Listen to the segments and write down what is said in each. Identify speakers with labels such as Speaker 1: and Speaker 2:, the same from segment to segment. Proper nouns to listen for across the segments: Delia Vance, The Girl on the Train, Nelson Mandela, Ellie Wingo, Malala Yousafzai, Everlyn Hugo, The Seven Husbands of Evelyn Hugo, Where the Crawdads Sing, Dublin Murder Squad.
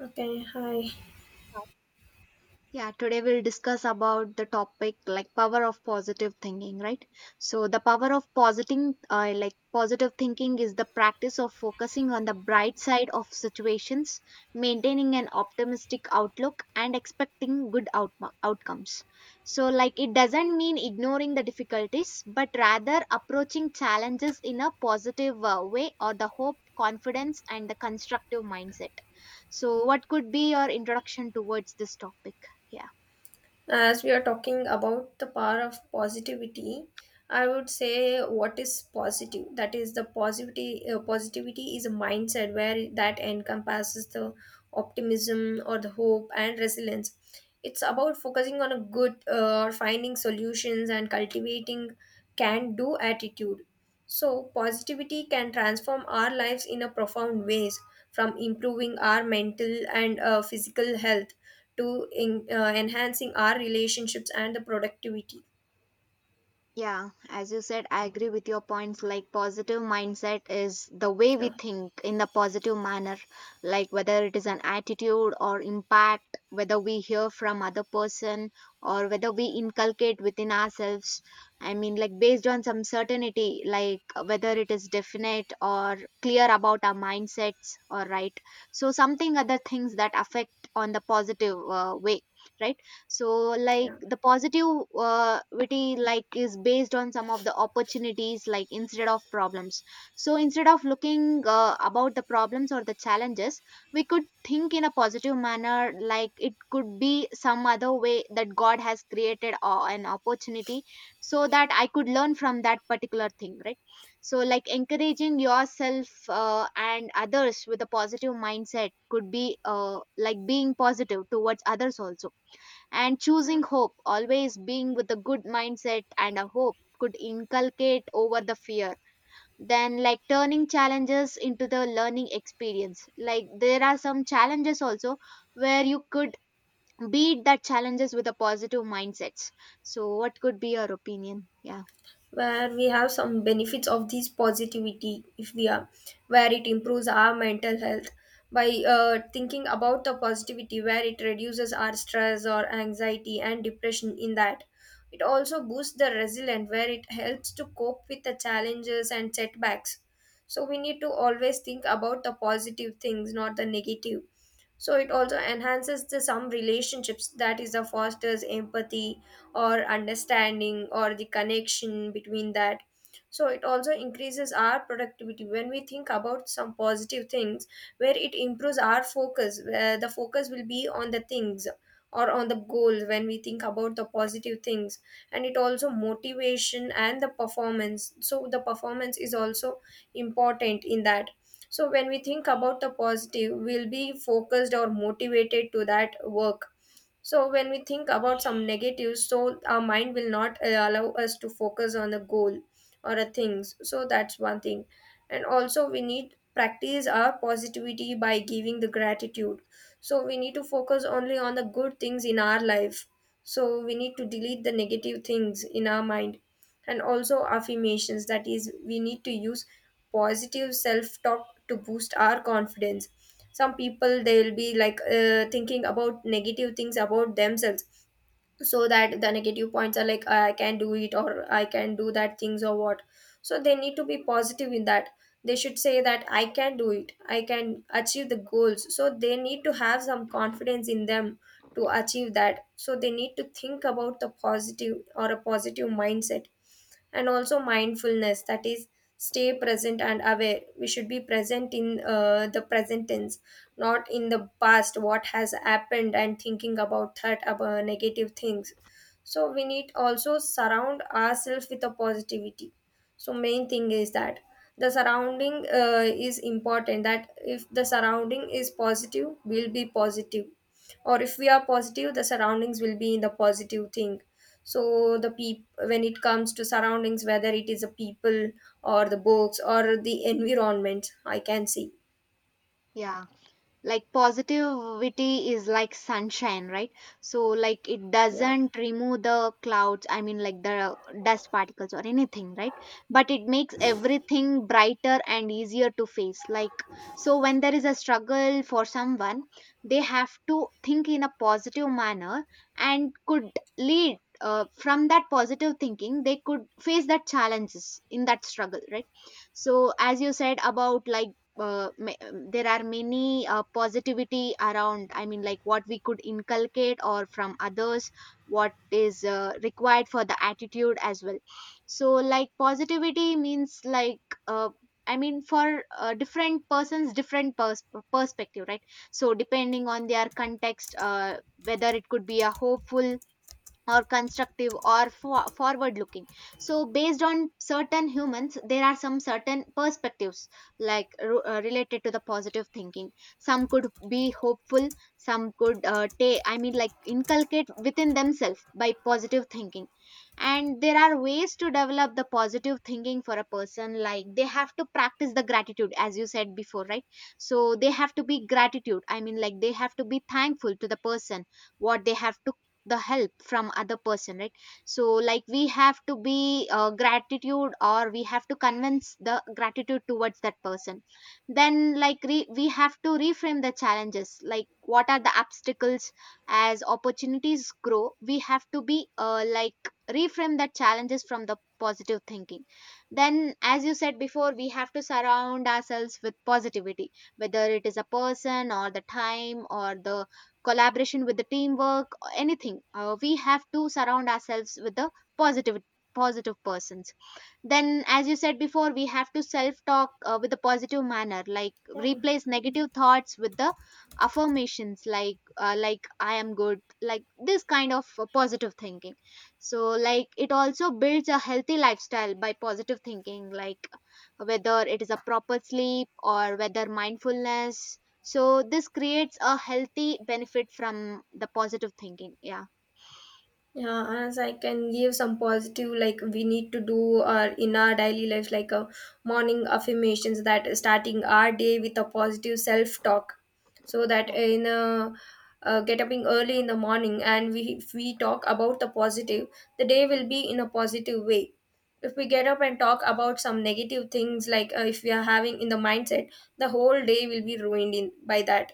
Speaker 1: Okay, hi.
Speaker 2: Yeah, today we'll discuss about the topic like power of positive thinking, right? So the power of positing, like positive thinking, is the practice of focusing on the bright side of situations, maintaining an optimistic outlook, and expecting good outcomes. So, like, it doesn't mean ignoring the difficulties, but rather approaching challenges in a positive way, or the hope, confidence, and the constructive mindset. So, what could be your introduction towards this topic? Yeah.
Speaker 1: As we are talking about the power of positivity, I would say what is positive? That is the positivity. Positivity is a mindset where that encompasses the optimism or the hope and resilience. It's about focusing on a good or finding solutions and cultivating can-do attitude. So positivity can transform our lives in a profound ways, from improving our mental and physical health to enhancing our relationships and the productivity
Speaker 2: Yeah, as you said, I agree with your points. Like, positive mindset is the way
Speaker 1: you
Speaker 2: we
Speaker 1: know
Speaker 2: think in the positive manner, like whether it is an attitude or impact, whether we hear from other person or whether we inculcate within ourselves. I mean, like, based on some certainty, like whether it is definite or clear about our mindsets, or right. So, something other things that affect on the positive way, right? So like
Speaker 1: yeah,
Speaker 2: the positive witty like is based on some of the opportunities like instead of problems. So instead of looking about the problems or the challenges, we could think in a positive manner like it could be some other way that God has created an opportunity so that I could learn from that particular thing, right? So like encouraging yourself and others with a positive mindset could be like being positive towards others also, and
Speaker 1: yeah.
Speaker 2: choosing hope, always being with a good mindset and a hope could inculcate over the fear. Then like turning challenges into the learning experience, like there are some challenges also where you could beat that challenges with a positive mindsets. So what could be your opinion? Yeah.
Speaker 1: Where we have some benefits of this positivity, if we are, where it improves our mental health by thinking about the positivity, where it reduces our stress or anxiety and depression in that. It also boosts the resilience, where it helps to cope with the challenges and setbacks. So we need to always think about the positive things, not the negative. So it also enhances the some relationships, that is the fosters empathy or understanding or the connection between that. So it also increases our productivity when we think about some positive things, where it improves our focus, where the focus will be on the things or on the goals when we think about the positive things. And it also motivation and the performance, so the performance is also important in that. So when we think about the positive, we'll be focused or motivated to that work. So when we think about some negatives, so our mind will not allow us to focus on a goal or a things. So that's one thing. And also we need practice our positivity by giving the gratitude. So we need to focus only on the good things in our life. So we need to delete the negative things in our mind. And also affirmations, that is we need to use positive self talk to boost our confidence. Some people, they'll be like thinking about negative things about themselves, so that the negative points are like I can do it or I can do that things or what. So they need to be positive in that. They should say that I can do it, I can achieve the goals, so they need to have some confidence in them to achieve that. So they need to think about the positive or a positive mindset. And also mindfulness, that is stay present and aware. We should be present in the present tense, not in the past what has happened and thinking about that about negative things. So we need also surround ourselves with a positivity. So main thing is that the surrounding is important, that if the surrounding is positive we'll be positive, or if we are positive the surroundings will be in the positive thing. So the when it comes to surroundings, whether it is the people or the books or the environment, I can see.
Speaker 2: Yeah, like positivity is like sunshine, right? So like it
Speaker 1: Yeah,
Speaker 2: doesn't remove the clouds, I mean like the dust particles or anything, right? But it makes everything brighter and easier to face, like so when there is a struggle for someone, they have to think in a positive manner and could lead from that positive thinking they could face that challenges in that struggle, right? So as you said about like there are many positivity around, I mean like what we could inculcate or from others, what is required for the attitude as well. So like positivity means like uh, I mean for different persons different perspective, right? So depending on their context, whether it could be a hopeful or constructive or forward looking. So based on certain humans there are some certain perspectives like related to the positive thinking. Some could be hopeful, some could I mean like inculcate within themselves by positive thinking. And there are ways to develop the positive thinking for a person, like they have to practice the gratitude as you said before, right? So they have to be gratitude, I mean like they have to be thankful to the person what they have to, the help from other person, right? So like we have to be gratitude or we have to convince the gratitude towards that person. Then like we have to reframe the challenges like what are the obstacles as opportunities grow, we have to be like reframe that challenges from the positive thinking. Then as you said before we have to surround ourselves with positivity, whether it is a person or the time or the collaboration with the teamwork or anything, we have to surround ourselves with the positive, positive persons. Then as you said before we have to self talk with a positive manner like
Speaker 1: yeah.
Speaker 2: replace negative thoughts with the affirmations, like I am good, like this kind of positive thinking. So like it also builds a healthy lifestyle by positive thinking, like whether it is a proper sleep or whether mindfulness, so this creates a healthy benefit from the positive thinking. Yeah.
Speaker 1: Yeah, as I can give some positive, like we need to do our in our daily lives, like a morning affirmations that starting our day with a positive self talk, so that
Speaker 2: Yeah.
Speaker 1: in a get up in early in the morning, and we if we talk about the positive, the day will be in a positive way. If we get up and talk about some negative things, like if we are having in the mindset, the whole day will be ruined in by that.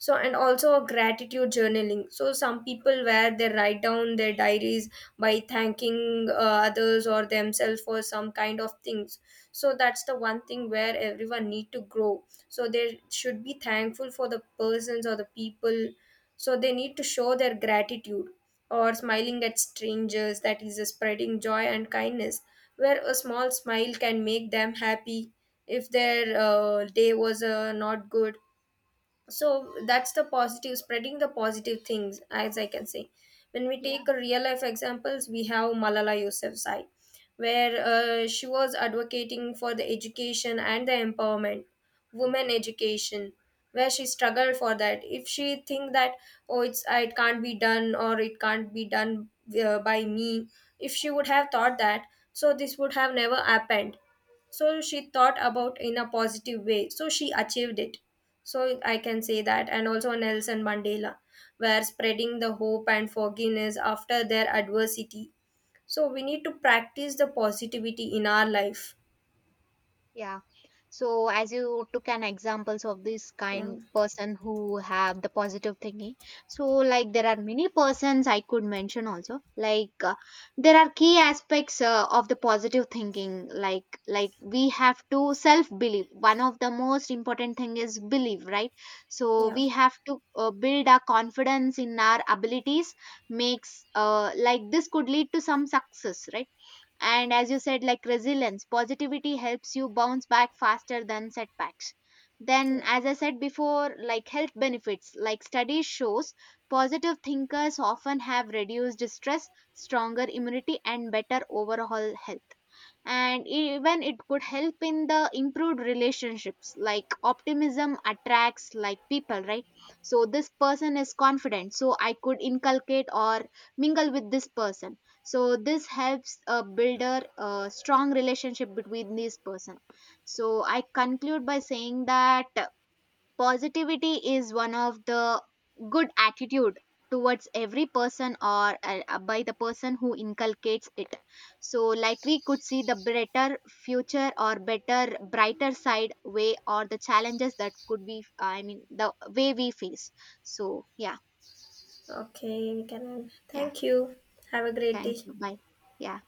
Speaker 1: So and also gratitude journaling, so some people where they write down their diaries by thanking others or themselves for some kind of things. So that's the one thing where everyone need to grow. So they should be thankful for the persons or the people, so they need to show their gratitude. Or smiling at strangers, that is a spreading joy and kindness, where a small smile can make them happy if their day was not good. So that's the positive, spreading the positive things, as I can say. When we
Speaker 2: Yeah.
Speaker 1: take a real life examples, we have Malala Yousafzai, where she was advocating for the education and the empowerment, women education, where she struggled for that. If she think that, oh it's it can't be done, or it can't be done by me, if she would have thought that, so this would have never happened. So she thought about in a positive way, so she achieved it. So I can say that. And also Nelson Mandela, were spreading the hope and forgiveness after their adversity. So we need to practice the positivity in our life.
Speaker 2: Yeah. So as you took an examples of this
Speaker 1: Yeah,
Speaker 2: kind person who have the positive thinking, so like there are many persons I could mention also. Like there are key aspects of the positive thinking. Like we have to self believe. One of the most important thing is belief, right? So
Speaker 1: yeah,
Speaker 2: we have to build our confidence in our abilities. Makes like this could lead to some success, right? And as you said, like resilience, positivity helps you bounce back faster than setbacks.
Speaker 1: yeah.
Speaker 2: Then, as I said before, like health benefits, like studies shows, positive thinkers often have reduced stress, stronger immunity, and better overall health, and even it could help in the improved relationships, like optimism attracts like people, right? So this person is confident, so I could inculcate or mingle with this person, so this helps build a strong relationship between these person. So I conclude by saying that positivity is one of the good attitude towards every person or by the person who inculcates it. So, like we could see the better future or better, brighter side way or the challenges that could be, I mean, the way we face. So, yeah.
Speaker 1: Okay, we can end.
Speaker 2: Yeah.
Speaker 1: Thank you. Have a great day.
Speaker 2: Thank you. Bye. Yeah.